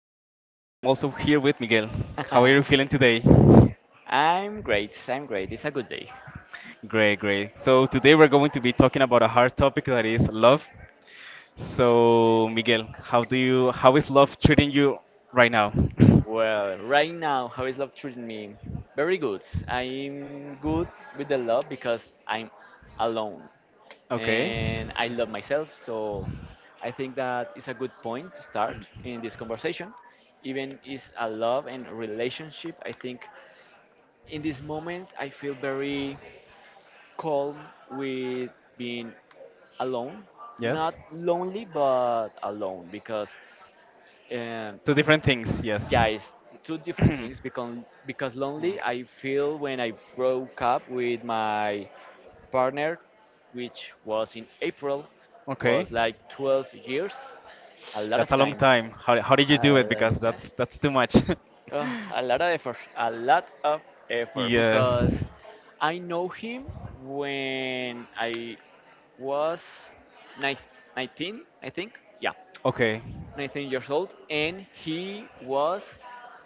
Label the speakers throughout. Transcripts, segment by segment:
Speaker 1: am Miguel and I'm also here with Miguel. How are you feeling today?
Speaker 2: I'm great. It's a good day.
Speaker 1: Great, great. So today we're going to be talking about a hard topic that is love. So Miguel, how is love treating you right now?
Speaker 2: Well, right now, how is love treating me? Very good. I'm good with the love because I'm alone
Speaker 1: Okay.
Speaker 2: and I love myself. So I think that is a good point to start in this conversation. Even is a love and relationship. I think in this moment I feel very calm with being alone.
Speaker 1: Yes.
Speaker 2: Not lonely, but alone because And
Speaker 1: Two different things, yes.
Speaker 2: yeah, it's two different things because lonely I feel when I broke up with my partner, which was in April, was
Speaker 1: Okay.
Speaker 2: like 12 years, a lot
Speaker 1: That's
Speaker 2: of
Speaker 1: a long
Speaker 2: time,
Speaker 1: time. How did you
Speaker 2: a
Speaker 1: do it?
Speaker 2: lot
Speaker 1: Because
Speaker 2: of time,
Speaker 1: that's too much.
Speaker 2: Ugh, a lot of effort
Speaker 1: Yes.
Speaker 2: because I know him when I was nine, 19, I think. Yeah,
Speaker 1: Okay.
Speaker 2: 19 years old, and he was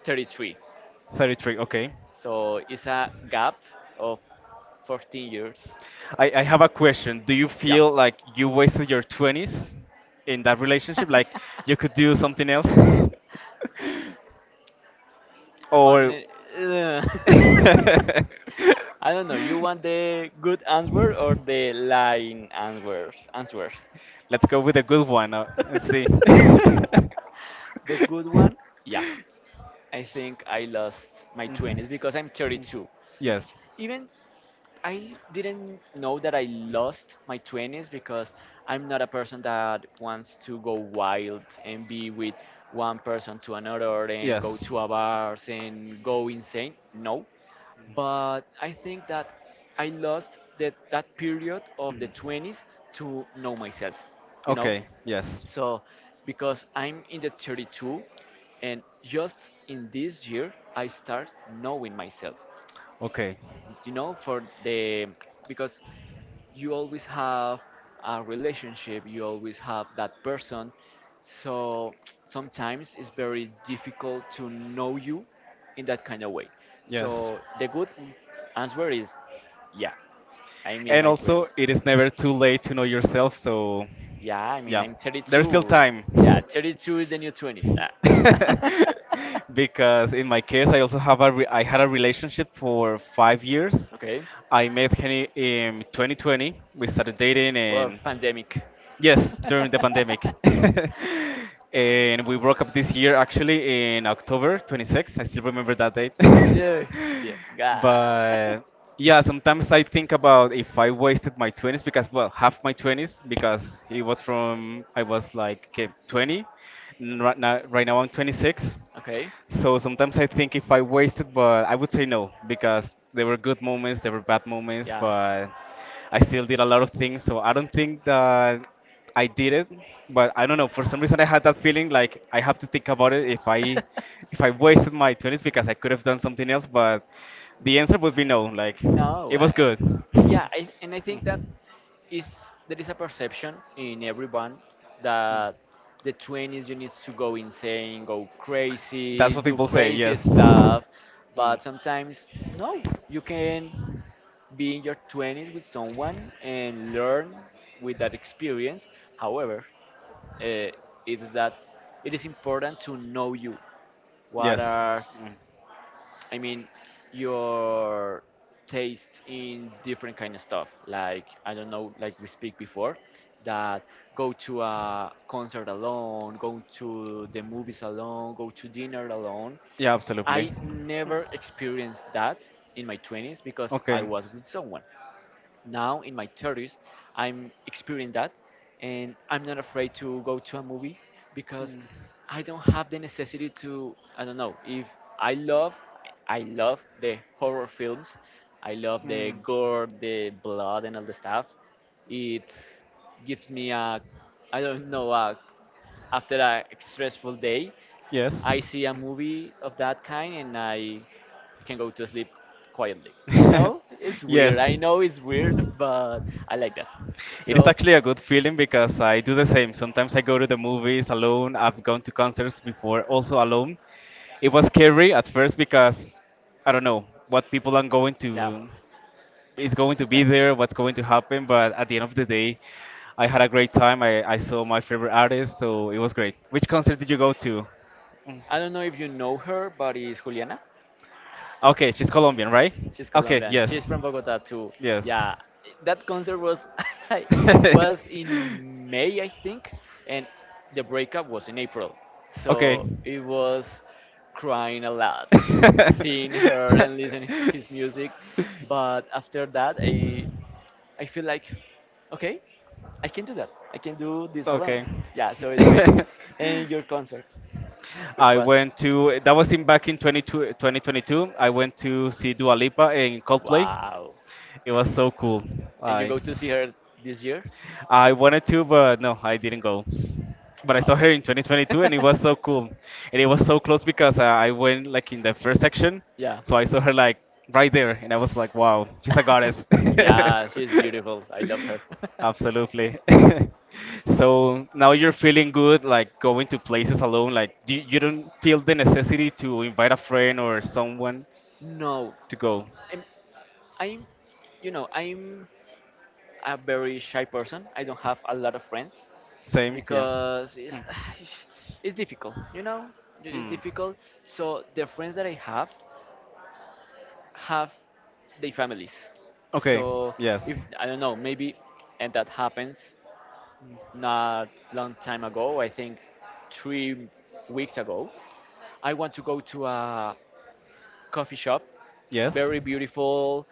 Speaker 2: 33.
Speaker 1: 33. Okay.
Speaker 2: So it's a gap of 14 years.
Speaker 1: I have a question. Do you
Speaker 2: Yeah.
Speaker 1: feel like you wasted your 20s in that relationship? Like you could do something else?
Speaker 2: On
Speaker 1: or.
Speaker 2: I don't know. You want the good answer or the lying answer?
Speaker 1: Let's go with a good one and see.
Speaker 2: The good one? Yeah. I think I lost my 20s because I'm 32.
Speaker 1: yes.
Speaker 2: Even I didn't know that I lost my 20s because I'm not a person that wants to go wild and be with one person to another and go
Speaker 1: Yes.
Speaker 2: to a bars and go insane. No. But I think that I lost that period of the 20s to know myself, you know?
Speaker 1: Okay. Yes.
Speaker 2: So because I'm in the 32 and just in this year I start knowing myself.
Speaker 1: Okay.
Speaker 2: For the because you always have a relationship, you always have that person. So sometimes it's very difficult to know you in that kind of way.
Speaker 1: Yes.
Speaker 2: So the good answer is yeah, I miss
Speaker 1: And
Speaker 2: my
Speaker 1: also,
Speaker 2: 20s.
Speaker 1: it is never too late to know yourself, so
Speaker 2: Yeah, I mean,
Speaker 1: yeah,
Speaker 2: I'm
Speaker 1: there's still
Speaker 2: 32.
Speaker 1: time.
Speaker 2: Yeah, 32 is the new 20s. Ah.
Speaker 1: Because in my case, I also have I had a relationship for 5 years.
Speaker 2: Okay,
Speaker 1: I met Henny in 2020. We started dating,
Speaker 2: well,
Speaker 1: and.
Speaker 2: pandemic.
Speaker 1: Yes, during the pandemic. And we broke up this year actually in October 26th. I still remember that date.
Speaker 2: Yeah, yeah. God.
Speaker 1: But yeah, sometimes I think about if I wasted my 20s because, well, half my 20s because it was from I was like okay, 20. Right now I'm 26.
Speaker 2: Okay,
Speaker 1: So sometimes I think if I wasted, but I would say no because there were good moments, there were bad moments,
Speaker 2: yeah.
Speaker 1: but I still did a lot of things. So I don't think that I did it, but I don't know. For some reason, I had that feeling like I have to think about it if I wasted my 20s because I could have done something else. But the answer would be no. Like it
Speaker 2: No,
Speaker 1: was
Speaker 2: I,
Speaker 1: good.
Speaker 2: yeah, and I think that
Speaker 1: Mm.
Speaker 2: is there is a perception in everyone that the 20s you need to go insane, go
Speaker 1: That's
Speaker 2: crazy,
Speaker 1: what
Speaker 2: do
Speaker 1: people say.
Speaker 2: crazy
Speaker 1: Yes. Mm.
Speaker 2: stuff, but sometimes no, you can be in your 20s with someone and learn with that experience. However, uh, it is that it is important to know you. What
Speaker 1: Yes.
Speaker 2: are
Speaker 1: Mm.
Speaker 2: I mean, your taste in different kind of stuff. Like I don't know, like we speak before, that go to a concert alone, go to the movies alone, go to dinner alone.
Speaker 1: Yeah, absolutely.
Speaker 2: I never experienced that in my 20s because I
Speaker 1: Okay.
Speaker 2: was with someone now in my 30s. I'm experiencing that and I'm not afraid to go to a movie because
Speaker 1: Mm.
Speaker 2: I don't have the necessity to I don't know if I love I love the horror films. I love the
Speaker 1: Mm.
Speaker 2: gore, the blood and all the stuff. It gives me a I don't know a, after a stressful day,
Speaker 1: Yes.
Speaker 2: I see a movie of that kind and I can go to sleep quietly. You know, it's weird.
Speaker 1: Yes.
Speaker 2: I know it's weird, but I like that.
Speaker 1: It is
Speaker 2: So
Speaker 1: actually a good feeling because I do the same. Sometimes I go to the movies alone. I've gone to concerts before also alone. It was scary at first because I don't know what people are going
Speaker 2: yeah,
Speaker 1: to is going to be there, what's going to happen, but at the end of the day, I had a great time. I saw my favorite artist, so it was great. Which concert did you go to?
Speaker 2: I don't know if you know her, but it's Juliana.
Speaker 1: Okay, she's Colombian, right?
Speaker 2: She's
Speaker 1: Okay,
Speaker 2: Colombian.
Speaker 1: yes.
Speaker 2: She's from Bogota too.
Speaker 1: Yes.
Speaker 2: Yeah, that concert was was in May, I think, and the breakup was in April.
Speaker 1: Okay.
Speaker 2: So it was crying a lot, seeing her and listening his music. But after that, I feel like okay, I can do that. I can do this alone.
Speaker 1: okay.
Speaker 2: Yeah, so it's great. And your concert, which
Speaker 1: I
Speaker 2: was
Speaker 1: went to that was in back in 2022. I went to see Dua Lipa in Coldplay.
Speaker 2: wow.
Speaker 1: It was so cool.
Speaker 2: And you
Speaker 1: I
Speaker 2: go to see her this year?
Speaker 1: I wanted to, but no, I didn't go. But I saw
Speaker 2: Wow.
Speaker 1: her in 2022, and it was so cool. And it was so close because I went like in the first section,
Speaker 2: Yeah.
Speaker 1: so I saw her like right there, and I was like, wow, she's a goddess.
Speaker 2: Yeah, she's beautiful. I love her.
Speaker 1: Absolutely. So now you're feeling good, like going to places alone. Like you don't feel the necessity to invite a friend or someone
Speaker 2: No.
Speaker 1: to go.
Speaker 2: I'm, I'm you know, I'm a very shy person. I don't have a lot of friends
Speaker 1: Same, yeah.
Speaker 2: because it's it's difficult, you know? It's
Speaker 1: Hmm.
Speaker 2: difficult. So the friends that I have their families.
Speaker 1: Okay.
Speaker 2: So
Speaker 1: Yes.
Speaker 2: if I don't know, maybe and that happens not long time ago. I think 3 weeks ago. I want to go to a coffee shop,
Speaker 1: Yes.
Speaker 2: very beautiful,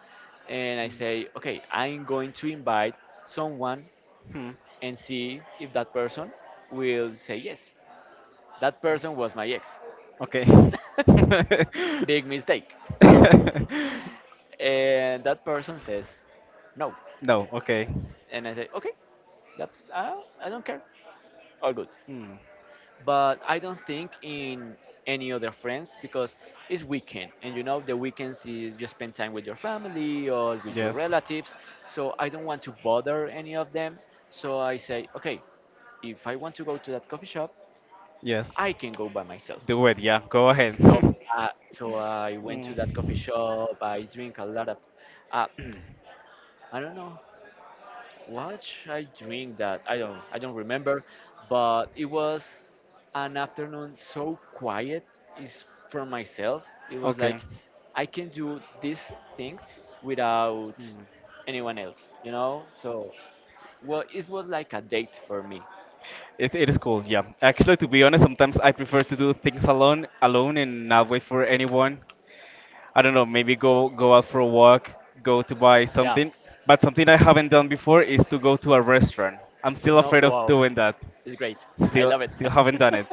Speaker 2: and I say, okay, I'm going to invite someone
Speaker 1: Hmm.
Speaker 2: and see if that person will say yes. That person was my ex.
Speaker 1: Okay.
Speaker 2: Big mistake. And that person says no.
Speaker 1: no. Okay.
Speaker 2: And I say, okay, that's, uh, I don't care. All good.
Speaker 1: Hmm.
Speaker 2: But I don't think in any other friends because it's weekend and you know the weekends is you spend time with your family or with your
Speaker 1: Yes.
Speaker 2: relatives, so I don't want to bother any of them. So I say okay, if I want to go to that coffee shop,
Speaker 1: Yes.
Speaker 2: I can go by myself.
Speaker 1: Do it. Yeah. Go ahead.
Speaker 2: So so I went to that coffee
Speaker 1: Mm.
Speaker 2: shop. I drink a lot of uh, I don't know what should I drink that I don't remember, but it was an afternoon so quiet, is for myself. It was like
Speaker 1: Okay.
Speaker 2: I can do these things without anyone else, you know? So, well, it was like a date for me.
Speaker 1: It is cool, yeah. Actually, to be honest, sometimes I prefer to do things alone, alone and not wait for anyone. I don't know, maybe go out for a walk, go to buy
Speaker 2: Yeah.
Speaker 1: something. But something I haven't done before is to go to a restaurant. I'm still
Speaker 2: No,
Speaker 1: afraid of
Speaker 2: wow.
Speaker 1: doing that.
Speaker 2: It's great. I love it.
Speaker 1: Still haven't done it.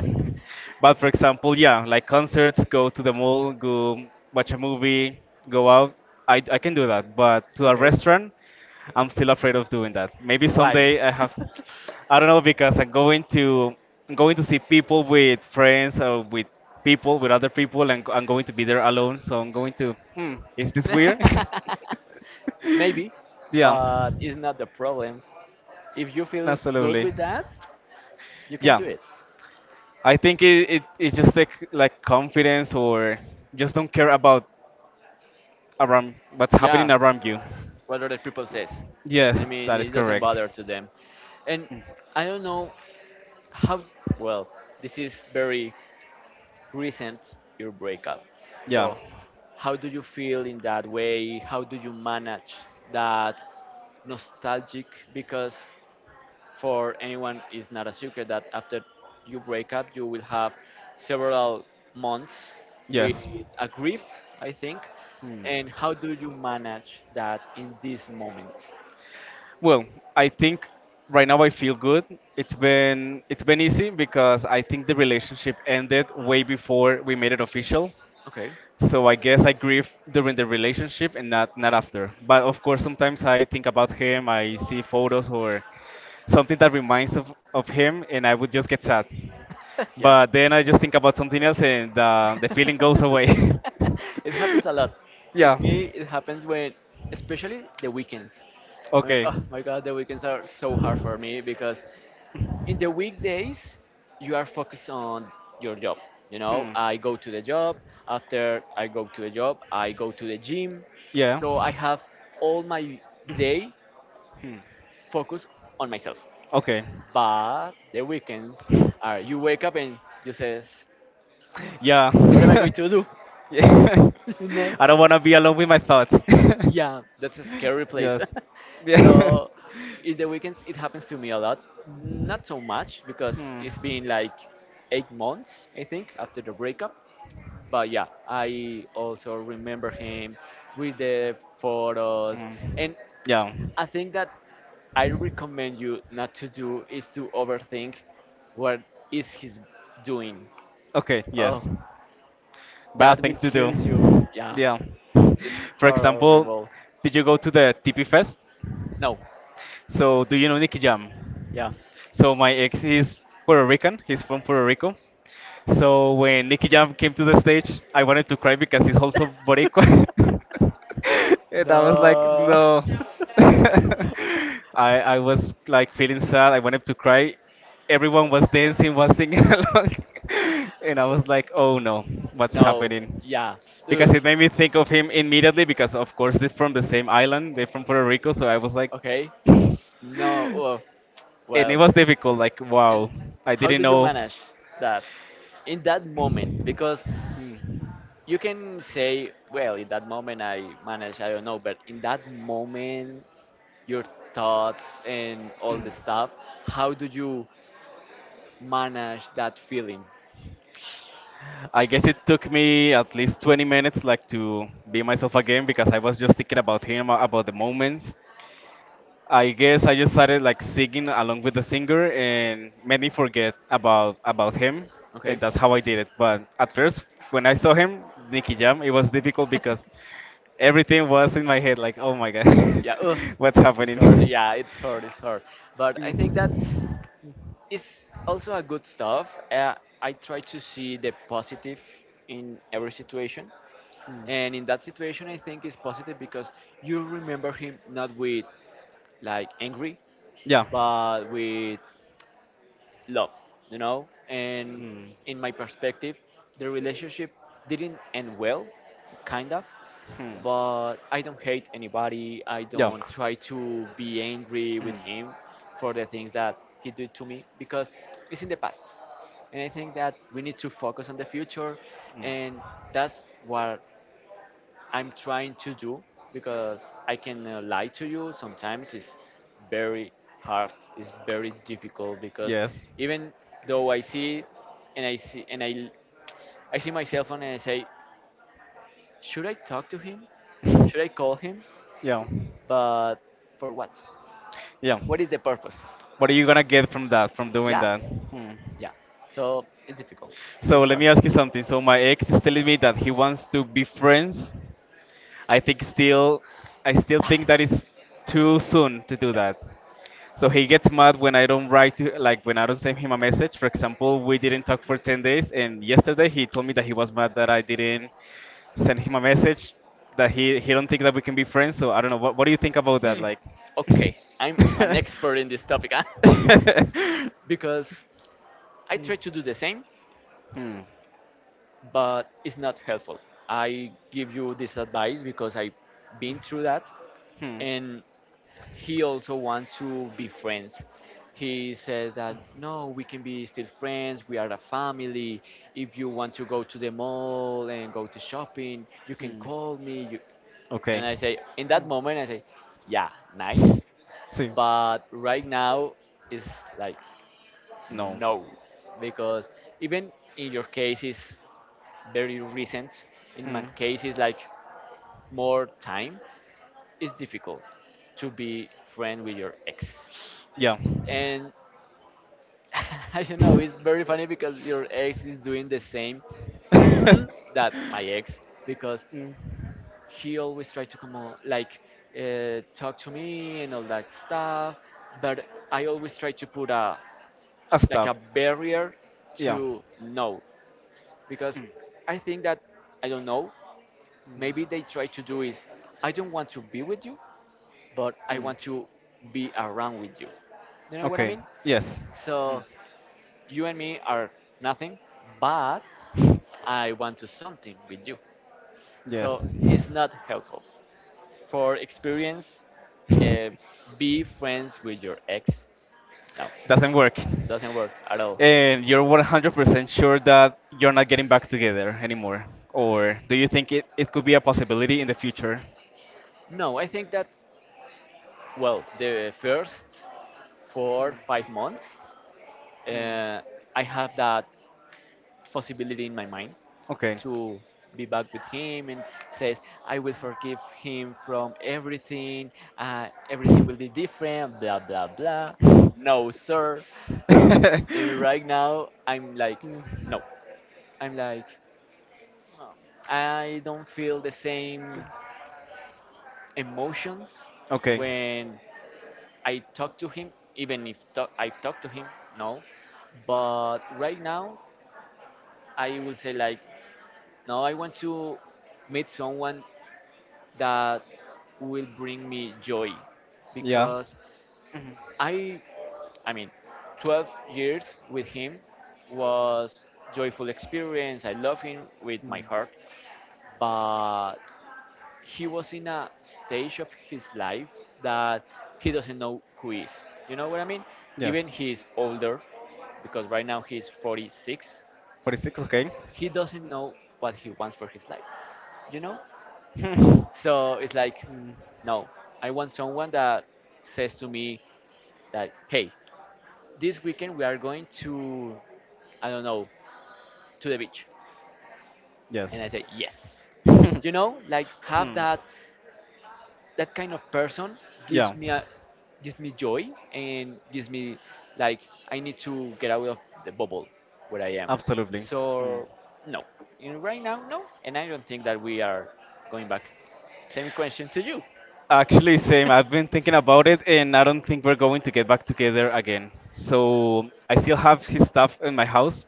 Speaker 1: But for example, yeah, like concerts, go to the mall, go watch a movie, go out. I can do that. But to a
Speaker 2: Okay.
Speaker 1: restaurant, I'm still afraid of doing that. Maybe
Speaker 2: Why?
Speaker 1: someday I have, I don't know, because I'm going to see people with friends or with other people, and I'm going to be there alone. So I'm going to, is this weird?
Speaker 2: Maybe,
Speaker 1: yeah,
Speaker 2: but it's not the problem. If you feel good
Speaker 1: absolutely.
Speaker 2: with that, you can
Speaker 1: Yeah,
Speaker 2: do it.
Speaker 1: I think it's just like confidence or just don't care about around what's happening
Speaker 2: Yeah,
Speaker 1: around you.
Speaker 2: what other people says. I
Speaker 1: Yes,
Speaker 2: mean,
Speaker 1: that is
Speaker 2: it doesn't
Speaker 1: correct.
Speaker 2: bother to them. And I don't know how well this is very recent your breakup.
Speaker 1: Yeah.
Speaker 2: So how do you feel in that way? How do you manage that nostalgic because for anyone it's not a secret that after you break up you will have several months with
Speaker 1: Yes.
Speaker 2: a grief, I think.
Speaker 1: Hmm.
Speaker 2: And how do you manage that in this moment?
Speaker 1: Well, I think right now I feel good. It's been easy because I think the relationship ended way before we made it official.
Speaker 2: Okay.
Speaker 1: So I guess I grieve during the relationship and not after. But of course, sometimes I think about him. I see photos or something that reminds of him, and I would just get sad.
Speaker 2: Yeah.
Speaker 1: But then I just think about something else, and the feeling goes away.
Speaker 2: It happens a lot.
Speaker 1: yeah.
Speaker 2: It me it happens when especially the weekends. I mean,
Speaker 1: Okay.
Speaker 2: oh my god, the weekends are so hard for me because in the weekdays you are focused on your job. You know,
Speaker 1: Hmm.
Speaker 2: I go to the job, after I go to the job, I go to the gym.
Speaker 1: Yeah.
Speaker 2: So I have all my day
Speaker 1: Hmm.
Speaker 2: focused on myself.
Speaker 1: Okay.
Speaker 2: But the weekends are you wake up and you says
Speaker 1: Yeah.
Speaker 2: what am I going to do?
Speaker 1: yeah.
Speaker 2: You know?
Speaker 1: I don't want to be alone with my thoughts.
Speaker 2: Yeah, that's a scary place.
Speaker 1: Yes. Yeah.
Speaker 2: So, in the weekends, it happens to me a lot. Not so much because
Speaker 1: Hmm.
Speaker 2: it's been like 8 months, I think, after the breakup. But yeah, I also remember him with the photos.
Speaker 1: Hmm.
Speaker 2: And
Speaker 1: Yeah.
Speaker 2: I think that I recommend you not to do is to overthink what is he's doing.
Speaker 1: Okay, yes.
Speaker 2: Oh, that
Speaker 1: Bad thing
Speaker 2: will
Speaker 1: to do.
Speaker 2: kill you. Yeah,
Speaker 1: Yeah.
Speaker 2: it's
Speaker 1: For example,
Speaker 2: horrible.
Speaker 1: did you go to the TP Fest?
Speaker 2: No,
Speaker 1: So, do you know Nicky Jam?
Speaker 2: Yeah.
Speaker 1: So my ex is Puerto Rican. He's from Puerto Rico. So when Nicky Jam came to the stage, I wanted to cry because he's also Boricua. And I was like,
Speaker 2: No.
Speaker 1: no. I was like feeling sad. I wanted to cry. Everyone was dancing, was singing along, and I was like, oh no, what's
Speaker 2: No.
Speaker 1: happening?
Speaker 2: Yeah.
Speaker 1: Because
Speaker 2: Ugh.
Speaker 1: it made me think of him immediately because of course they're from the same island. They're from Puerto Rico, so I was like.
Speaker 2: Okay. No. Ugh.
Speaker 1: And it
Speaker 2: Well.
Speaker 1: was difficult. Like,
Speaker 2: And
Speaker 1: wow, I
Speaker 2: how
Speaker 1: didn't
Speaker 2: do you
Speaker 1: know.
Speaker 2: manage that in that moment? Because
Speaker 1: Hmm.
Speaker 2: you can say, well, in that moment I manage, I don't know, but in that moment, your thoughts and all the stuff, how do you manage that feeling?
Speaker 1: I guess it took me at least 20 minutes, like, to be myself again because I was just thinking about him, about the moments. I guess I just started like singing along with the singer and made me forget about him,
Speaker 2: Okay.
Speaker 1: and that's how I did it. But at first, when I saw him, Nicky Jam, it was difficult because everything was in my head, like, oh my god,
Speaker 2: Yeah. Ugh.
Speaker 1: what's
Speaker 2: It's
Speaker 1: happening?
Speaker 2: hard. Yeah. It's hard. But I think that
Speaker 1: Mm.
Speaker 2: it's also a good stuff. I try to see the positive in every situation, and in that situation, I think it's positive because you remember him not with like angry,
Speaker 1: Yeah.
Speaker 2: but with love, you know? And
Speaker 1: Mm.
Speaker 2: in my perspective, the relationship didn't end well, kind of,
Speaker 1: Hmm.
Speaker 2: but I don't hate anybody. I
Speaker 1: Yeah.
Speaker 2: don't try to be angry with
Speaker 1: Mm.
Speaker 2: him for the things that he did to me because it's in the past. And I think that we need to focus on the future, and that's what I'm trying to do because I can lie to you. Sometimes it's very hard. It's very difficult because
Speaker 1: Yes.
Speaker 2: even though and I see and I I see myself and I say, should I talk to him? Should I call him?
Speaker 1: Yeah.
Speaker 2: But for what?
Speaker 1: Yeah.
Speaker 2: What is the purpose?
Speaker 1: What are you gonna get from that, from doing
Speaker 2: Yeah,
Speaker 1: that? Hmm.
Speaker 2: yeah. So it's difficult.
Speaker 1: So
Speaker 2: It's
Speaker 1: let
Speaker 2: hard.
Speaker 1: me ask you something. So my ex is telling me that he wants to be friends. I think still, I still think that it's too soon to do
Speaker 2: Yeah.
Speaker 1: that. So he gets mad when I don't like when I don't send him a message. For example, we didn't talk for 10 days and yesterday he told me that he was mad that I didn't send him a message that he don't think that we can be friends. So I don't know what do you think about that
Speaker 2: Hmm.
Speaker 1: like
Speaker 2: Okay. I'm an expert in this topic, huh? because I try to do the same,
Speaker 1: Hmm.
Speaker 2: but it's not helpful. I give you this advice because I've been through that,
Speaker 1: Hmm.
Speaker 2: and he also wants to be friends. He says that no, we can be still friends. We are a family. If you want to go to the mall and go to shopping, you can
Speaker 1: Hmm.
Speaker 2: call me. You...
Speaker 1: Okay.
Speaker 2: And I say, in that moment, I say, yeah, nice,
Speaker 1: See.
Speaker 2: but right now it's like
Speaker 1: No.
Speaker 2: no, because even in your case, it's very recent, in my
Speaker 1: Hmm.
Speaker 2: case, it's like more time, it's difficult to be friend with your ex.
Speaker 1: Yeah.
Speaker 2: And I don't know, it's very funny because your ex is doing the same mm, that my ex, because
Speaker 1: Mm.
Speaker 2: he always tried to come on, like talk to me and all that stuff. But I always try to put a
Speaker 1: A
Speaker 2: like a
Speaker 1: stop.
Speaker 2: barrier
Speaker 1: Yeah.
Speaker 2: to no, because I think that I don't know, maybe they try to do is I don't want to be with you, but I
Speaker 1: Mm.
Speaker 2: want to be around with you. You know what I
Speaker 1: Okay.
Speaker 2: mean?
Speaker 1: Yes.
Speaker 2: So
Speaker 1: Mm.
Speaker 2: you and me are nothing, but I want to something with you. So
Speaker 1: Yes.
Speaker 2: it's not helpful for experience, uh, be friends with your ex, no.
Speaker 1: Doesn't work.
Speaker 2: Doesn't work at all.
Speaker 1: And you're 100% sure that you're not getting back together anymore? Or do you think it could be a possibility in the future?
Speaker 2: No, I think that, well, the first four five months,
Speaker 1: Mm.
Speaker 2: uh, I have that possibility in my mind
Speaker 1: Okay.
Speaker 2: to be back with him and says, I will forgive him from everything, everything will be different, blah, blah, blah. No, sir. S- And right now, I'm like, no. I'm like, no. I don't feel the same emotions
Speaker 1: okay.
Speaker 2: when I talk to him, even if I talk to him, no. But right now, I will say, like, no, I want to meet someone that will bring me joy,
Speaker 1: Yeah.
Speaker 2: because I I mean 12 years with him was joyful experience. I love him with my
Speaker 1: Mm.
Speaker 2: heart, but he was in a stage of his life that he doesn't know who he is. You know what I mean? Even
Speaker 1: Yes.
Speaker 2: he's older, because right now he's 46.
Speaker 1: 46, okay.
Speaker 2: He doesn't know what he wants for his life. You know?
Speaker 1: Hmm.
Speaker 2: So it's like,
Speaker 1: Mm.
Speaker 2: no, I want someone that says to me that, hey, this weekend we are going to, I don't know, to the beach. And
Speaker 1: yes.
Speaker 2: I say, yes. You know, like have
Speaker 1: Hmm.
Speaker 2: that kind of person,
Speaker 1: Yeah.
Speaker 2: gives me a gives me joy and gives me, like, I need to get out of the bubble where I am.
Speaker 1: Absolutely. Mm.
Speaker 2: So no. In right now, no. And I don't think that we are going back. Same question to you.
Speaker 1: Actually, same. I've been thinking about it, and I don't think we're going to get back together again. So I still have his stuff in my house,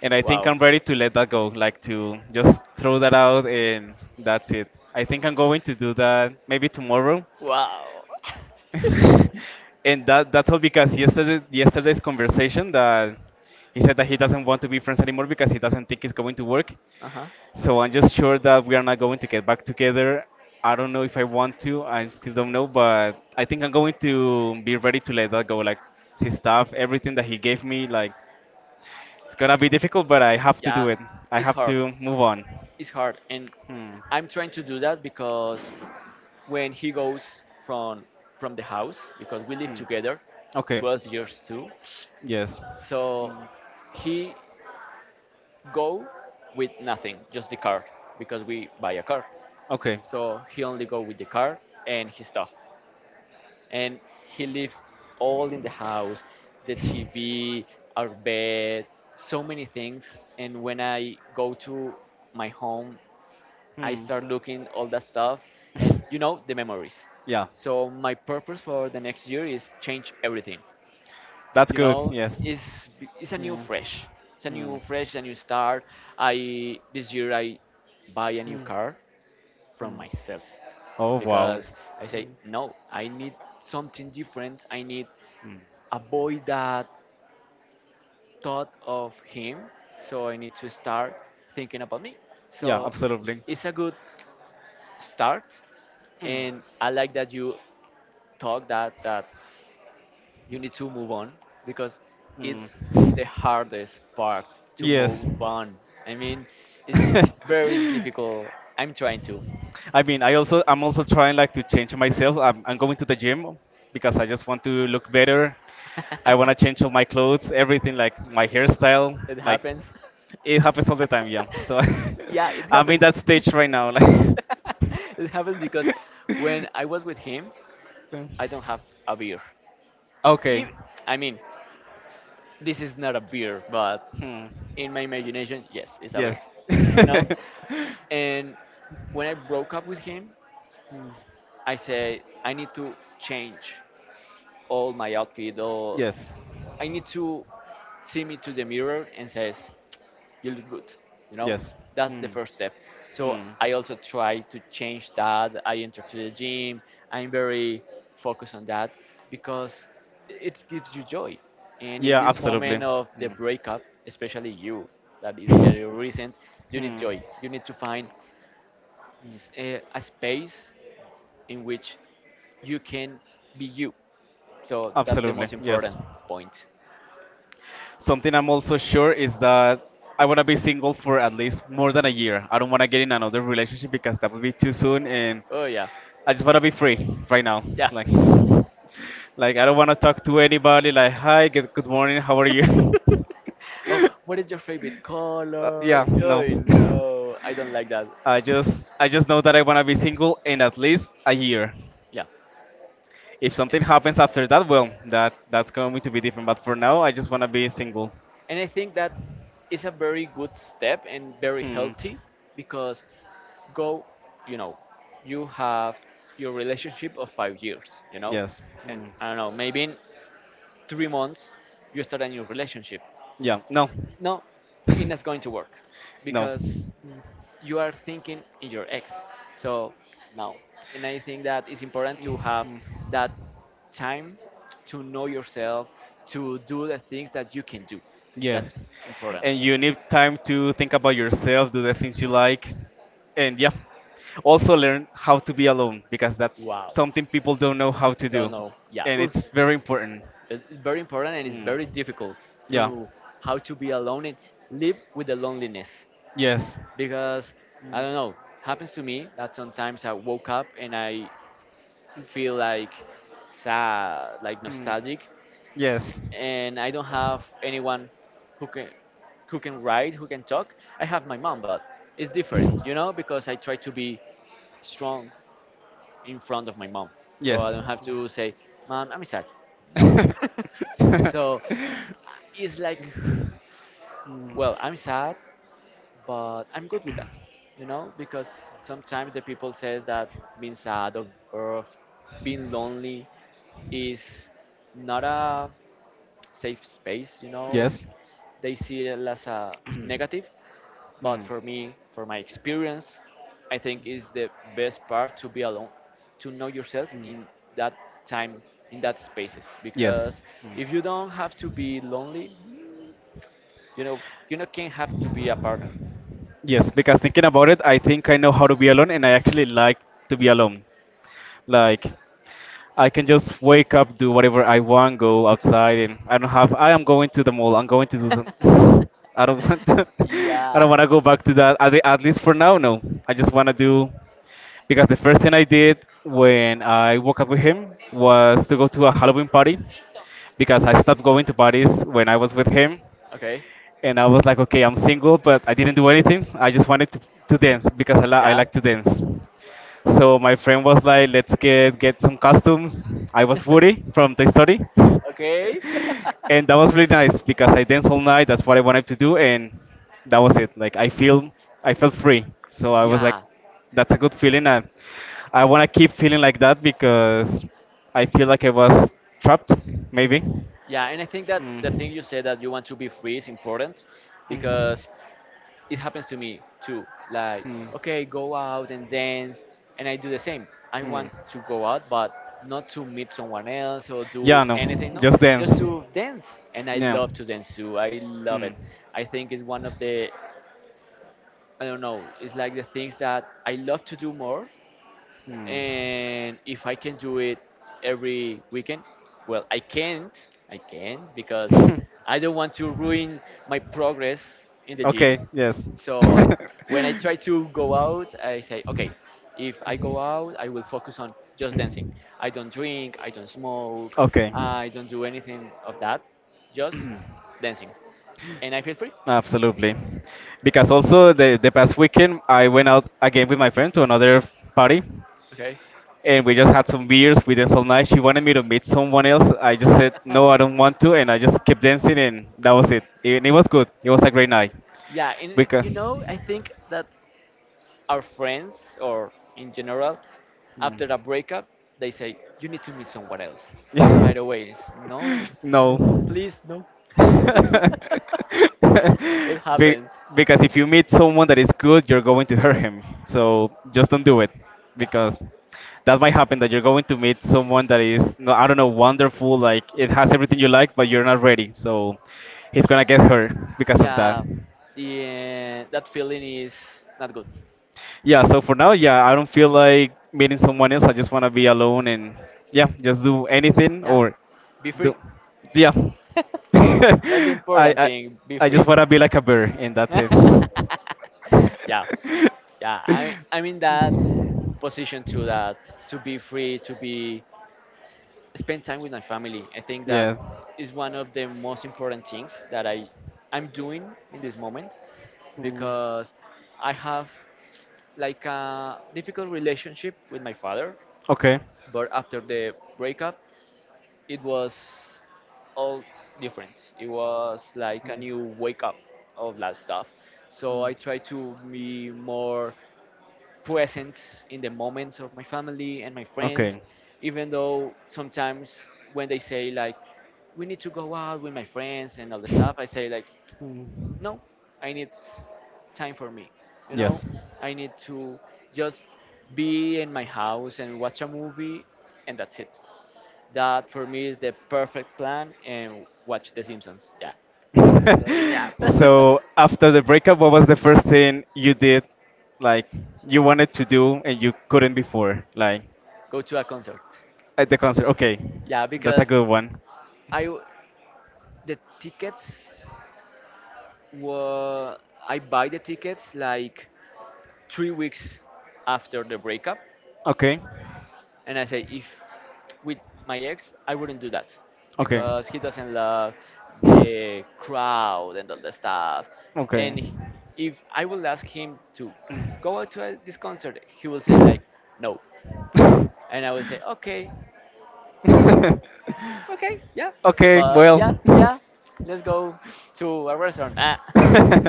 Speaker 1: and I think
Speaker 2: Wow.
Speaker 1: I'm ready to let that go. Like to just throw that out, and that's it. I think I'm going to do that maybe tomorrow.
Speaker 2: Wow.
Speaker 1: And that's all because yesterday's conversation that he said that he doesn't want to be friends anymore because he doesn't think it's going to work.
Speaker 2: Uh huh.
Speaker 1: So I'm just sure that we are not going to get back together. I don't know if I want to. I still don't know, but I think I'm going to be ready to let that go. Like his stuff, everything that he gave me, like it's gonna be difficult, but I have to do
Speaker 2: Yeah,
Speaker 1: it. I
Speaker 2: it's
Speaker 1: have
Speaker 2: hard.
Speaker 1: to move on.
Speaker 2: It's hard, and
Speaker 1: Hmm.
Speaker 2: I'm trying to do that because when he goes from the house, because we live
Speaker 1: Hmm.
Speaker 2: together,
Speaker 1: Okay.
Speaker 2: 12 years too.
Speaker 1: Yes.
Speaker 2: So he go with nothing, just the card, because we buy a car.
Speaker 1: Okay.
Speaker 2: So he only go with the card and his stuff, and he left all in the house, the tv, our bed, so many things, and when I go to my home, I
Speaker 1: Hmm.
Speaker 2: start looking all that stuff, and you know, the memories.
Speaker 1: yeah.
Speaker 2: So my purpose for the next year is change everything.
Speaker 1: That's
Speaker 2: You
Speaker 1: good.
Speaker 2: know,
Speaker 1: Yes.
Speaker 2: it's it's a new
Speaker 1: Hmm.
Speaker 2: fresh it's a
Speaker 1: Hmm.
Speaker 2: new fresh a new start. I This year I buy a new
Speaker 1: Hmm.
Speaker 2: car from
Speaker 1: Hmm.
Speaker 2: myself,
Speaker 1: Oh wow.
Speaker 2: because I say no, I need something different. I need
Speaker 1: Hmm.
Speaker 2: avoid that thought of him. So I need to start thinking about me.
Speaker 1: Yeah.
Speaker 2: So
Speaker 1: Absolutely.
Speaker 2: it's a good start,
Speaker 1: Hmm.
Speaker 2: and I like that you talk that you need to move on, because
Speaker 1: Hmm.
Speaker 2: it's the hardest part to
Speaker 1: Yes.
Speaker 2: move on. I mean, it's very difficult. I'm trying to.
Speaker 1: I mean, I'm also trying like to change myself. I'm going to the gym because I just want to look better. I want to change all my clothes, everything like my hairstyle,
Speaker 2: It
Speaker 1: like
Speaker 2: happens.
Speaker 1: it happens all the time, yeah. So
Speaker 2: Yeah, it
Speaker 1: I'm in
Speaker 2: happens.
Speaker 1: that stage right now like
Speaker 2: It happens because when I was with him, I don't have a beer.
Speaker 1: Okay.
Speaker 2: If, I mean, this is not a beer, but
Speaker 1: Hmm.
Speaker 2: in my imagination, yes, it's a beer,
Speaker 1: Yes.
Speaker 2: you know? And when I broke up with him, I said, I need to change all my outfit, or
Speaker 1: yes.
Speaker 2: I need to see me to the mirror and says, you look good, you know?
Speaker 1: Yes.
Speaker 2: That's the
Speaker 1: Hmm.
Speaker 2: first step. So
Speaker 1: Hmm.
Speaker 2: I also try to change that, I enter to the gym. I'm very focused on that, because it gives you joy, and in
Speaker 1: Yeah,
Speaker 2: this
Speaker 1: absolutely.
Speaker 2: moment of the
Speaker 1: Hmm.
Speaker 2: breakup, especially, you that is
Speaker 1: Hmm.
Speaker 2: very recent, you need joy. You need to find a space in which you can be you. So that's the
Speaker 1: Absolutely,
Speaker 2: most
Speaker 1: yes.
Speaker 2: important point.
Speaker 1: Something I'm also sure is that I want to be single for at least more than a year. I don't want to get in another relationship because that would be too soon, and
Speaker 2: Oh yeah.
Speaker 1: I just want to be free right now.
Speaker 2: Yeah.
Speaker 1: Like, like I don't want to talk to anybody. Like, hi, good morning, how are you?
Speaker 2: Oh, what is your favorite
Speaker 1: Yeah,
Speaker 2: color? Oh
Speaker 1: no.
Speaker 2: no, I don't like that.
Speaker 1: I just know that I want to be single in at least a year.
Speaker 2: Yeah,
Speaker 1: If something happens after that, well, that's going to be different. But for now, I just want to be single.
Speaker 2: and I think that is a very good step and very
Speaker 1: Hmm.
Speaker 2: healthy, because go, you know, you have your relationship of 5 years, you know,
Speaker 1: Yes.
Speaker 2: and
Speaker 1: Hmm.
Speaker 2: I don't know, maybe in 3 months you start a new relationship.
Speaker 1: Yeah. No.
Speaker 2: No, it's not going to work,
Speaker 1: no.
Speaker 2: because you are thinking in your ex. So now, and I think that it's important to have
Speaker 1: Mhm.
Speaker 2: that time to know yourself, to do the things that you can do.
Speaker 1: Yes.
Speaker 2: That's important.
Speaker 1: And you need time to think about yourself, do the things you like, and yeah. Also learn how to be alone because that's
Speaker 2: Wow.
Speaker 1: something people don't know how to
Speaker 2: Don't
Speaker 1: do,
Speaker 2: know. Yeah,
Speaker 1: and
Speaker 2: oof.
Speaker 1: it's very important.
Speaker 2: It's very important and it's
Speaker 1: Mm.
Speaker 2: very difficult
Speaker 1: Yeah.
Speaker 2: to how to be alone and live with the loneliness,
Speaker 1: Yes.
Speaker 2: because I don't know. Happens to me that sometimes I woke up and I feel like sad, like
Speaker 1: Hmm.
Speaker 2: nostalgic,
Speaker 1: Yes.
Speaker 2: and I don't have anyone who can who can write, who can talk. I have my mom, but it's different, you know, because I try to be strong in front of my mom, so I
Speaker 1: Yes.
Speaker 2: don't have to say, "Mom, I'm sad." No. So it's like, well, I'm sad, but I'm good with that, you know, because sometimes the people says that being sad or being lonely is not a safe space, you know,
Speaker 1: yes,
Speaker 2: is they see it as a negative. But for me, for my experience, I think is the best part to be alone, to know yourself in that time, in that spaces.
Speaker 1: yes,
Speaker 2: Because if you don't have to be lonely, you know, you know, can have to be a partner.
Speaker 1: yes. Because thinking about it, I think I know how to be alone, and I actually like to be alone. Like, I can just wake up, do whatever I want, go outside, and I don't have. I am going to the mall. I'm going to do. The, I don't want. To, I
Speaker 2: Yeah.
Speaker 1: don't want to go back to that. At least for now, no. I just want to do, because the first thing I did when I woke up with him was to go to a Halloween party because I stopped going to parties when I was with him.
Speaker 2: Okay.
Speaker 1: And I was like, okay, I'm single, but I didn't do anything. I just wanted to dance because I
Speaker 2: Yeah.
Speaker 1: like to dance. So my friend was like, let's get some costumes. I was Woody from Toy Story,
Speaker 2: Okay.
Speaker 1: and that was really nice because I danced all night. That's what I wanted to do, and that was it. Like, I felt free. So I was like,
Speaker 2: Yeah.
Speaker 1: that's a good feeling, and I want to keep feeling like that because I feel like I was trapped, maybe.
Speaker 2: Yeah. And I think that the
Speaker 1: Mm.
Speaker 2: thing you said that you want to be free is important,
Speaker 1: Mm.
Speaker 2: because it happens to me too. Like,
Speaker 1: Mm.
Speaker 2: okay, go out and dance, and I do the same. I
Speaker 1: Hmm.
Speaker 2: want to go out, but not to meet someone else or do
Speaker 1: Yeah, no,
Speaker 2: anything. No,
Speaker 1: just
Speaker 2: just
Speaker 1: dance.
Speaker 2: to dance, and I
Speaker 1: Yeah.
Speaker 2: love to dance too. I love
Speaker 1: Hmm.
Speaker 2: it. I think it's one of the I don't know. It's like the things that I love to do more,
Speaker 1: Hmm.
Speaker 2: and if I can do it every weekend, well, I can't. I can't because I don't want to ruin my progress in the gym.
Speaker 1: Okay. Yes.
Speaker 2: So I, when I try to go out, I say, okay, if I go out, I will focus on just dancing. I don't drink, I don't smoke,
Speaker 1: Okay.
Speaker 2: I don't do anything of that, just dancing, and I feel free.
Speaker 1: Absolutely. Because also the past weekend I went out again with my friend to another party,
Speaker 2: Okay.
Speaker 1: and we just had some beers. We danced all night. She wanted me to meet someone else. I just said no, I don't want to, and I just kept dancing, and that was it. And it was good. It was a great night.
Speaker 2: Yeah, and it,
Speaker 1: Because.
Speaker 2: you know, I think that our friends or in general
Speaker 1: Hmm.
Speaker 2: after a breakup they say you need to meet someone else right away. It's, no,
Speaker 1: No.
Speaker 2: no, please, no. It
Speaker 1: Be-
Speaker 2: happens.
Speaker 1: because if you meet someone that is good, you're going to hurt him. So just don't do it,
Speaker 2: Yeah,
Speaker 1: because that might happen, that you're going to meet someone that is, no, I don't know, wonderful, like it has everything you like, but you're not ready. So he's going to get hurt because of that.
Speaker 2: yeah, that feeling is not good.
Speaker 1: Yeah, so for now, yeah, I don't feel like meeting someone else. I just want to be alone and yeah, just do anything
Speaker 2: Yeah,
Speaker 1: or
Speaker 2: be free.
Speaker 1: do yeah.
Speaker 2: That's the important
Speaker 1: I
Speaker 2: thing, be
Speaker 1: I just
Speaker 2: free.
Speaker 1: want to be like a bear and that's it.
Speaker 2: Yeah, yeah, I mean that position to that, to be free, to be spend time with my family. I think that
Speaker 1: Yeah.
Speaker 2: is one of the most important things that I'm doing in this moment,
Speaker 1: Mm.
Speaker 2: because I have like a difficult relationship with my father,
Speaker 1: Okay.
Speaker 2: but after the breakup, it was all different. It was like a new wake up of that stuff. So I try to be more present in the moments of my family and my friends,
Speaker 1: Okay.
Speaker 2: even though sometimes when they say like, we need to go out with my friends and all the stuff, I say like,
Speaker 1: Mm.
Speaker 2: no, I need time for me. You know,
Speaker 1: Yes.
Speaker 2: I need to just be in my house and watch a movie, and that's it. That for me is the perfect plan and watch The Simpsons. Yeah. Totally, yeah.
Speaker 1: So after the breakup, what was the first thing you did, like you wanted to do and you couldn't before? Like,
Speaker 2: Go to a concert.
Speaker 1: at the concert. Okay,
Speaker 2: Yeah,
Speaker 1: that's a
Speaker 2: because
Speaker 1: good one.
Speaker 2: I w- the tickets, well, I buy the tickets like 3 weeks after the breakup,
Speaker 1: Okay,
Speaker 2: and I say if with my ex, I wouldn't do that,
Speaker 1: okay,
Speaker 2: because he doesn't love the crowd and all the stuff.
Speaker 1: okay.
Speaker 2: And if I will ask him to go out to this concert, he will say like no, and I will say okay. Okay, yeah.
Speaker 1: Okay,
Speaker 2: But yeah,
Speaker 1: well.
Speaker 2: yeah. Let's go to a restaurant. Ah.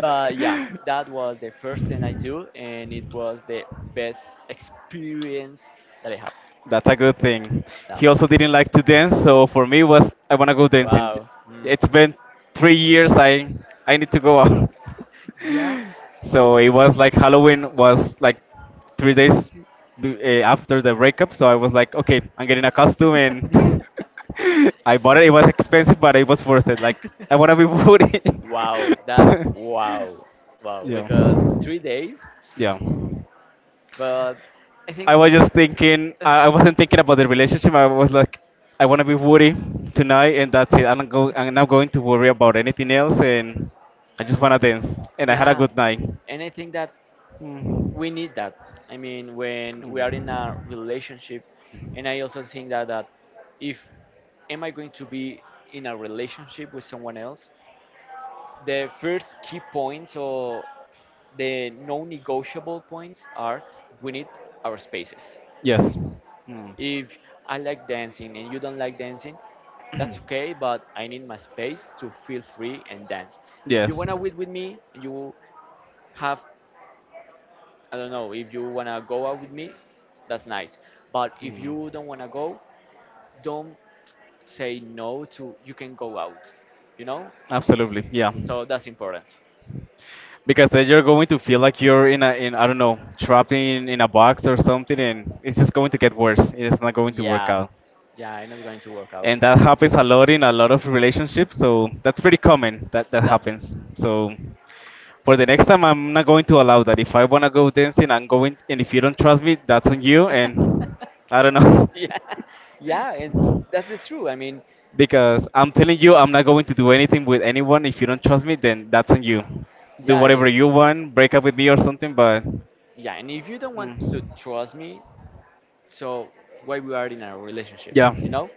Speaker 2: But yeah, that was the first thing I do, and it was the best experience that I have
Speaker 1: That's a good thing.
Speaker 2: now.
Speaker 1: He also didn't like to dance, so for me was I wanna go dancing.
Speaker 2: Wow. Mm.
Speaker 1: It's been 3 years. I need to go out.
Speaker 2: Yeah.
Speaker 1: So it was like Halloween was like 3 days after the breakup. So I was like, okay, I'm getting a costume, and I bought it. It was expensive, but it was worth it. Like I wanna be booty.
Speaker 2: Wow. That's wow. Wow.
Speaker 1: Yeah,
Speaker 2: Because 3 days.
Speaker 1: yeah.
Speaker 2: But I
Speaker 1: I
Speaker 2: think,
Speaker 1: was just thinking.
Speaker 2: uh,
Speaker 1: I wasn't thinking about the relationship. I was like, I want to be Woody tonight, and that's it. I'm not go. I'm not going to worry about anything else, and I just want to dance. And I had a
Speaker 2: yeah.
Speaker 1: good night.
Speaker 2: And I think that
Speaker 1: Mm.
Speaker 2: we need that. I mean, when we are in a
Speaker 1: Mm.
Speaker 2: relationship, and I also think that, if am I going to be in a relationship with someone else? The first key points or the non negotiable points are we need our spaces.
Speaker 1: Yes. Mm.
Speaker 2: If I like dancing and you don't like dancing, that's okay, but I need my space to feel free and dance. If you
Speaker 1: Yes.
Speaker 2: wanna wait with me, you have, I don't know, if you wanna go out with me, that's nice. But if you don't wanna go, don't say no to you can go out, you know?
Speaker 1: Absolutely. Yeah.
Speaker 2: So that's important.
Speaker 1: Because then you're going to feel like you're in a in I don't know, trapped in a box or something, and it's just going to get worse. It is not going to work
Speaker 2: Yeah,
Speaker 1: out.
Speaker 2: yeah, it's not going to work out.
Speaker 1: And that happens a lot in a lot of relationships, so that's pretty common that that
Speaker 2: No.
Speaker 1: happens. So for the next time, I'm not going to allow that. If I want to go dancing, I'm going, and if you don't trust me, that's on you. And I don't know.
Speaker 2: Yeah, yeah, and that's the true. I mean,
Speaker 1: Because I'm telling you, I'm not going to do anything with anyone. If you don't trust me, then that's on you. Do
Speaker 2: yeah,
Speaker 1: whatever
Speaker 2: and
Speaker 1: you want, break up with me or something. But
Speaker 2: yeah, and if you don't want to
Speaker 1: mm,
Speaker 2: trust me, so why we are in a relationship,
Speaker 1: yeah,
Speaker 2: you know?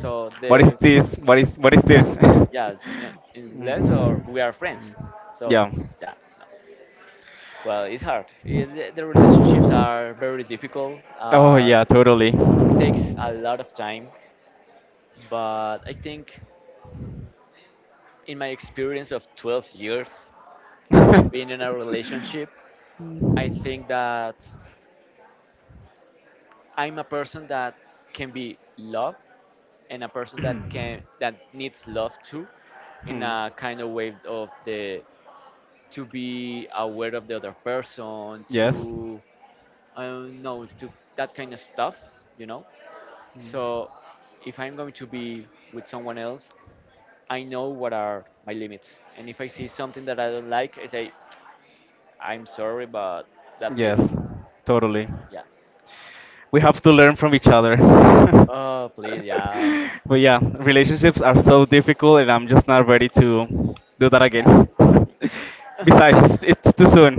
Speaker 2: So
Speaker 1: what is
Speaker 2: the
Speaker 1: this, what is this?
Speaker 2: yeah, yeah, so unless
Speaker 1: Mm.
Speaker 2: or we are friends. So
Speaker 1: Yeah.
Speaker 2: yeah, well, it's hard. Yeah, The relationships are very difficult.
Speaker 1: Oh
Speaker 2: Are
Speaker 1: yeah, totally.
Speaker 2: takes a lot of time, but I think in my experience of 12 years of being in a relationship, I
Speaker 1: Hmm.
Speaker 2: think that I'm a person that can be loved, and a person that needs love too, in a kind of way of the to be aware of the other person,
Speaker 1: Yes,
Speaker 2: to I don't know, to that kind of stuff, you know? So if I'm going to be with someone else, I know what are my limits, and if I see something that I don't like, I say, I'm sorry, but that's it.
Speaker 1: yes, totally.
Speaker 2: Yeah.
Speaker 1: We have to learn from each other.
Speaker 2: Oh please, yeah.
Speaker 1: But yeah, relationships are so difficult, and I'm just not ready to do that
Speaker 2: Yeah.
Speaker 1: again. Besides,
Speaker 2: Yeah.
Speaker 1: it's too soon.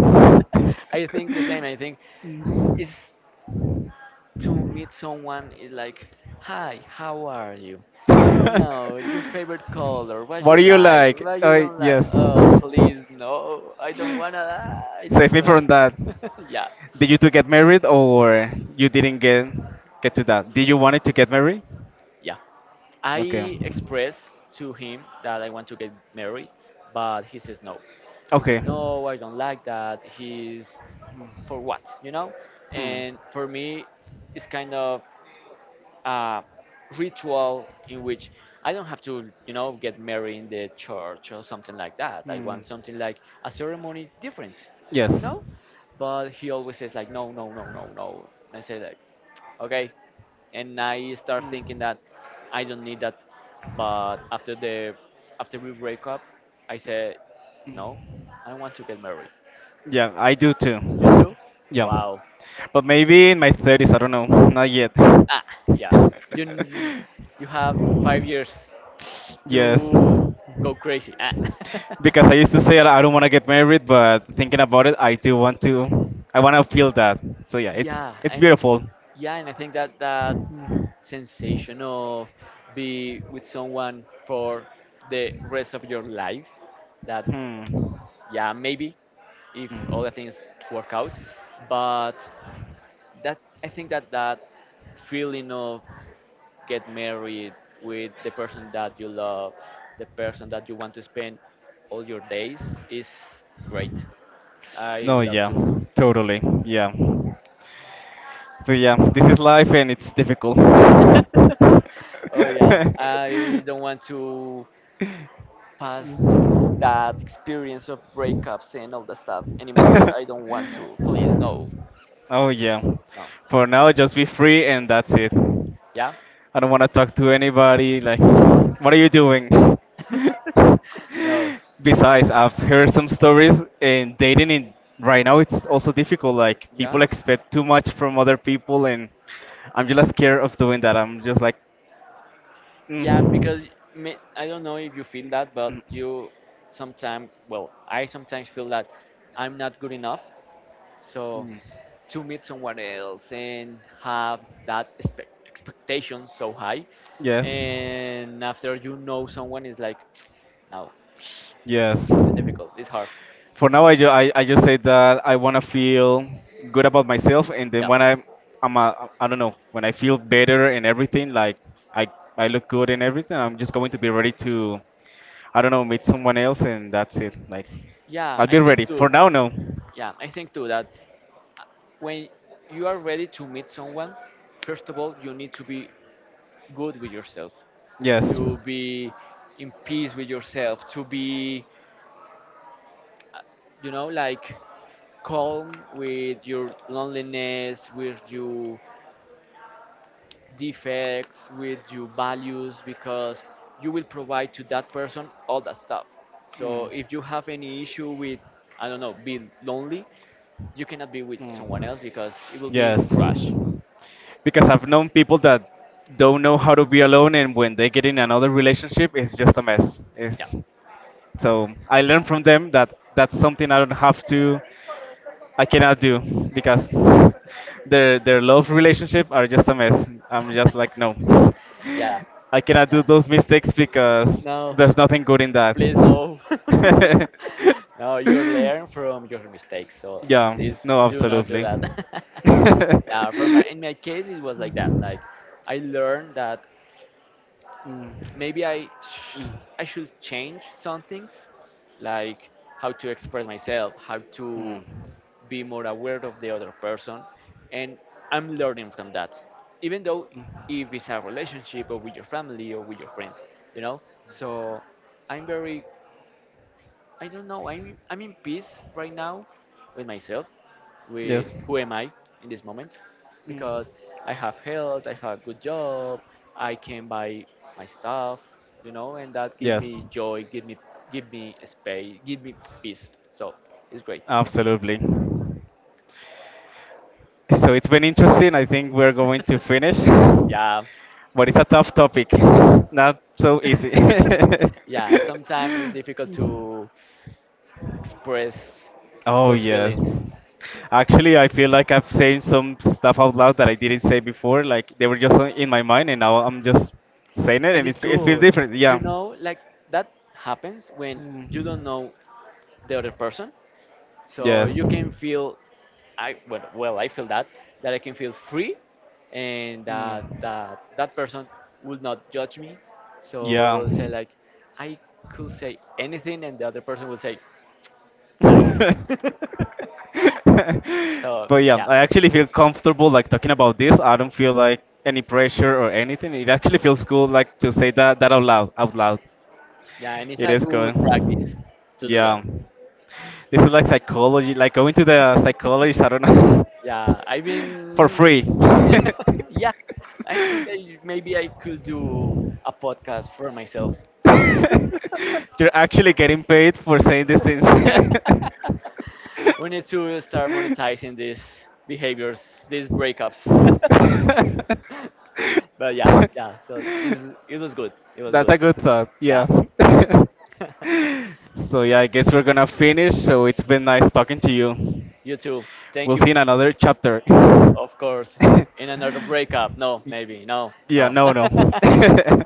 Speaker 2: I think the same. I think is to meet someone is like, hi, how are you? You know, your favorite color, what
Speaker 1: What
Speaker 2: you
Speaker 1: do you
Speaker 2: like,
Speaker 1: like?
Speaker 2: what you don't like.
Speaker 1: Yes.
Speaker 2: Oh, please, no, I don't wanna. I
Speaker 1: Save
Speaker 2: don't
Speaker 1: me
Speaker 2: know.
Speaker 1: from that.
Speaker 2: yeah,
Speaker 1: Did you two get married, or you didn't get to that? Did you wanted to get married?
Speaker 2: yeah.
Speaker 1: Okay.
Speaker 2: I express to him that I want to get married, but he says no. He says
Speaker 1: Okay.
Speaker 2: no, I don't like that. He's for what, you know?
Speaker 1: Hmm.
Speaker 2: And for me, it's kind of uh, ritual in which I don't have to, you know, get married in the church or something like that. I
Speaker 1: Hmm.
Speaker 2: want something like a ceremony different, you
Speaker 1: Yes.
Speaker 2: know? But he always says like, no, no, no, no, no. And I say like, okay. And I start thinking
Speaker 1: Hmm.
Speaker 2: that I don't need that. But after the, After we break up, I said, no, I want to get married.
Speaker 1: Yeah, I do too.
Speaker 2: You too?
Speaker 1: Yeah.
Speaker 2: Wow.
Speaker 1: But maybe in my 30s, I don't know. Not yet.
Speaker 2: Ah, yeah. You, n- you have 5 years
Speaker 1: Yes.
Speaker 2: to go crazy. Ah.
Speaker 1: Because I used to say I don't want to get married, but thinking about it, I do want to. I want to feel that. So yeah, it's
Speaker 2: yeah,
Speaker 1: it's
Speaker 2: and
Speaker 1: beautiful.
Speaker 2: yeah, and I think that sensation of be with someone for the rest of your life. That
Speaker 1: Hmm.
Speaker 2: yeah, maybe if all
Speaker 1: Hmm.
Speaker 2: the things work out, but that I think that feeling of get married with the person that you love, the person that you want to spend all your days is great. I
Speaker 1: No,
Speaker 2: love
Speaker 1: yeah,
Speaker 2: to.
Speaker 1: totally, yeah. But yeah, this is life and it's difficult.
Speaker 2: Oh yeah, I don't want to pass that experience of breakups and all that stuff anymore. I don't want to. Please, no,
Speaker 1: Oh yeah.
Speaker 2: no.
Speaker 1: For now, just be free and that's it.
Speaker 2: Yeah,
Speaker 1: I don't want to talk to anybody. Like, what are you doing?
Speaker 2: no.
Speaker 1: Besides, I've heard some stories, and dating in right now it's also difficult. Like people
Speaker 2: Yeah,
Speaker 1: expect too much from other people, and I'm just like, scared of doing that. I'm just like,
Speaker 2: yeah.
Speaker 1: mm,
Speaker 2: Because me, I don't know if you feel that, but
Speaker 1: mm,
Speaker 2: you sometimes, well, I sometimes feel that I'm not good enough. So
Speaker 1: mm.
Speaker 2: to meet someone else and have that expectation so high,
Speaker 1: Yes,
Speaker 2: and after you know someone is like no,
Speaker 1: yes.
Speaker 2: difficult. It's hard.
Speaker 1: For now, I just say that I want to feel good about myself, and then
Speaker 2: Yeah.
Speaker 1: when I don't know, when I feel better and everything, like I I look good and everything, I'm just going to be ready to, I don't know, meet someone else, and that's it. Like
Speaker 2: Yeah,
Speaker 1: I'll
Speaker 2: I
Speaker 1: be ready.
Speaker 2: think
Speaker 1: For
Speaker 2: too.
Speaker 1: now, no.
Speaker 2: Yeah, I think too that when you are ready to meet someone, first of all, you need to be good with yourself,
Speaker 1: Yes.
Speaker 2: to be in peace with yourself, to be, uh, you know, like calm with your loneliness, with your defects, with your values, because you will provide to that person all that stuff. So if you have any issue with, I don't know, being lonely, you cannot be with someone
Speaker 1: Mm.
Speaker 2: else because it will be
Speaker 1: Yes.
Speaker 2: crush.
Speaker 1: Because I've known people that don't know how to be alone, and when they get in another relationship, it's just a mess.
Speaker 2: Yeah,
Speaker 1: It's, so I learned from them that that's something I don't have to. I cannot do, because their love relationship are just a mess. I'm just like no.
Speaker 2: yeah,
Speaker 1: I cannot do
Speaker 2: yeah.
Speaker 1: those mistakes because
Speaker 2: No,
Speaker 1: there's nothing good in that.
Speaker 2: please no. No, you learn from your mistakes. So
Speaker 1: Yeah,
Speaker 2: please
Speaker 1: no,
Speaker 2: do not do
Speaker 1: absolutely.
Speaker 2: that. Yeah, for my in my case it was like that. Like I learned that
Speaker 1: Mm,
Speaker 2: maybe I sh- I should change some things, like how to express myself, how
Speaker 1: mm.
Speaker 2: to be more aware of the other person, and I'm learning from that, even though if it's a relationship or with your family or with your friends, you know. So I'm very, I don't know, I'm in peace right now with myself, with
Speaker 1: Yes.
Speaker 2: who am I in this moment, because I have health, I have a good job, I can buy my stuff, you know, and that give
Speaker 1: Yes.
Speaker 2: me joy, give me, give me space, give me peace. So it's great.
Speaker 1: Absolutely. So it's been interesting. I think we're going to finish.
Speaker 2: Yeah.
Speaker 1: But it's a tough topic. Not so easy.
Speaker 2: Yeah, sometimes it's difficult to express
Speaker 1: Oh,
Speaker 2: those
Speaker 1: yeah.
Speaker 2: feelings.
Speaker 1: Actually, I feel like I've said some stuff out loud that I didn't say before. Like they were just in my mind, and now I'm just saying it,
Speaker 2: And
Speaker 1: and
Speaker 2: it's
Speaker 1: it feels
Speaker 2: good.
Speaker 1: different.
Speaker 2: You
Speaker 1: Yeah.
Speaker 2: know, like that happens when you
Speaker 1: Mm.
Speaker 2: don't know the other person. So
Speaker 1: Yes.
Speaker 2: you can feel I well, well I feel that I can feel free, and that
Speaker 1: Mm.
Speaker 2: that person will not judge me. So it
Speaker 1: Yeah.
Speaker 2: will say like I could say anything and the other person will say nice.
Speaker 1: But
Speaker 2: So
Speaker 1: yeah,
Speaker 2: yeah.
Speaker 1: I actually feel comfortable like talking about this. I don't feel like any pressure or anything. It actually feels good like to say that out loud, out loud.
Speaker 2: Yeah, and it's
Speaker 1: It
Speaker 2: a
Speaker 1: is
Speaker 2: good
Speaker 1: good.
Speaker 2: practice to do that.
Speaker 1: Yeah. This is like psychology, like going to the psychologist, I don't know.
Speaker 2: Yeah, I
Speaker 1: For
Speaker 2: mean,
Speaker 1: free.
Speaker 2: Yeah, yeah. I think that you- Maybe I could do a podcast for myself.
Speaker 1: You're actually getting paid for saying these things.
Speaker 2: Yeah, we need to start monetizing these behaviors, these breakups. Yeah. It was good. It was
Speaker 1: That's
Speaker 2: good.
Speaker 1: a good thought. Yeah.
Speaker 2: Yeah.
Speaker 1: So yeah, I guess we're gonna finish. So it's been nice talking to you.
Speaker 2: You too. Thank
Speaker 1: We'll see
Speaker 2: you.
Speaker 1: in another chapter.
Speaker 2: Of course. In another breakup. No, maybe. No,
Speaker 1: Yeah.
Speaker 2: no.
Speaker 1: No. No.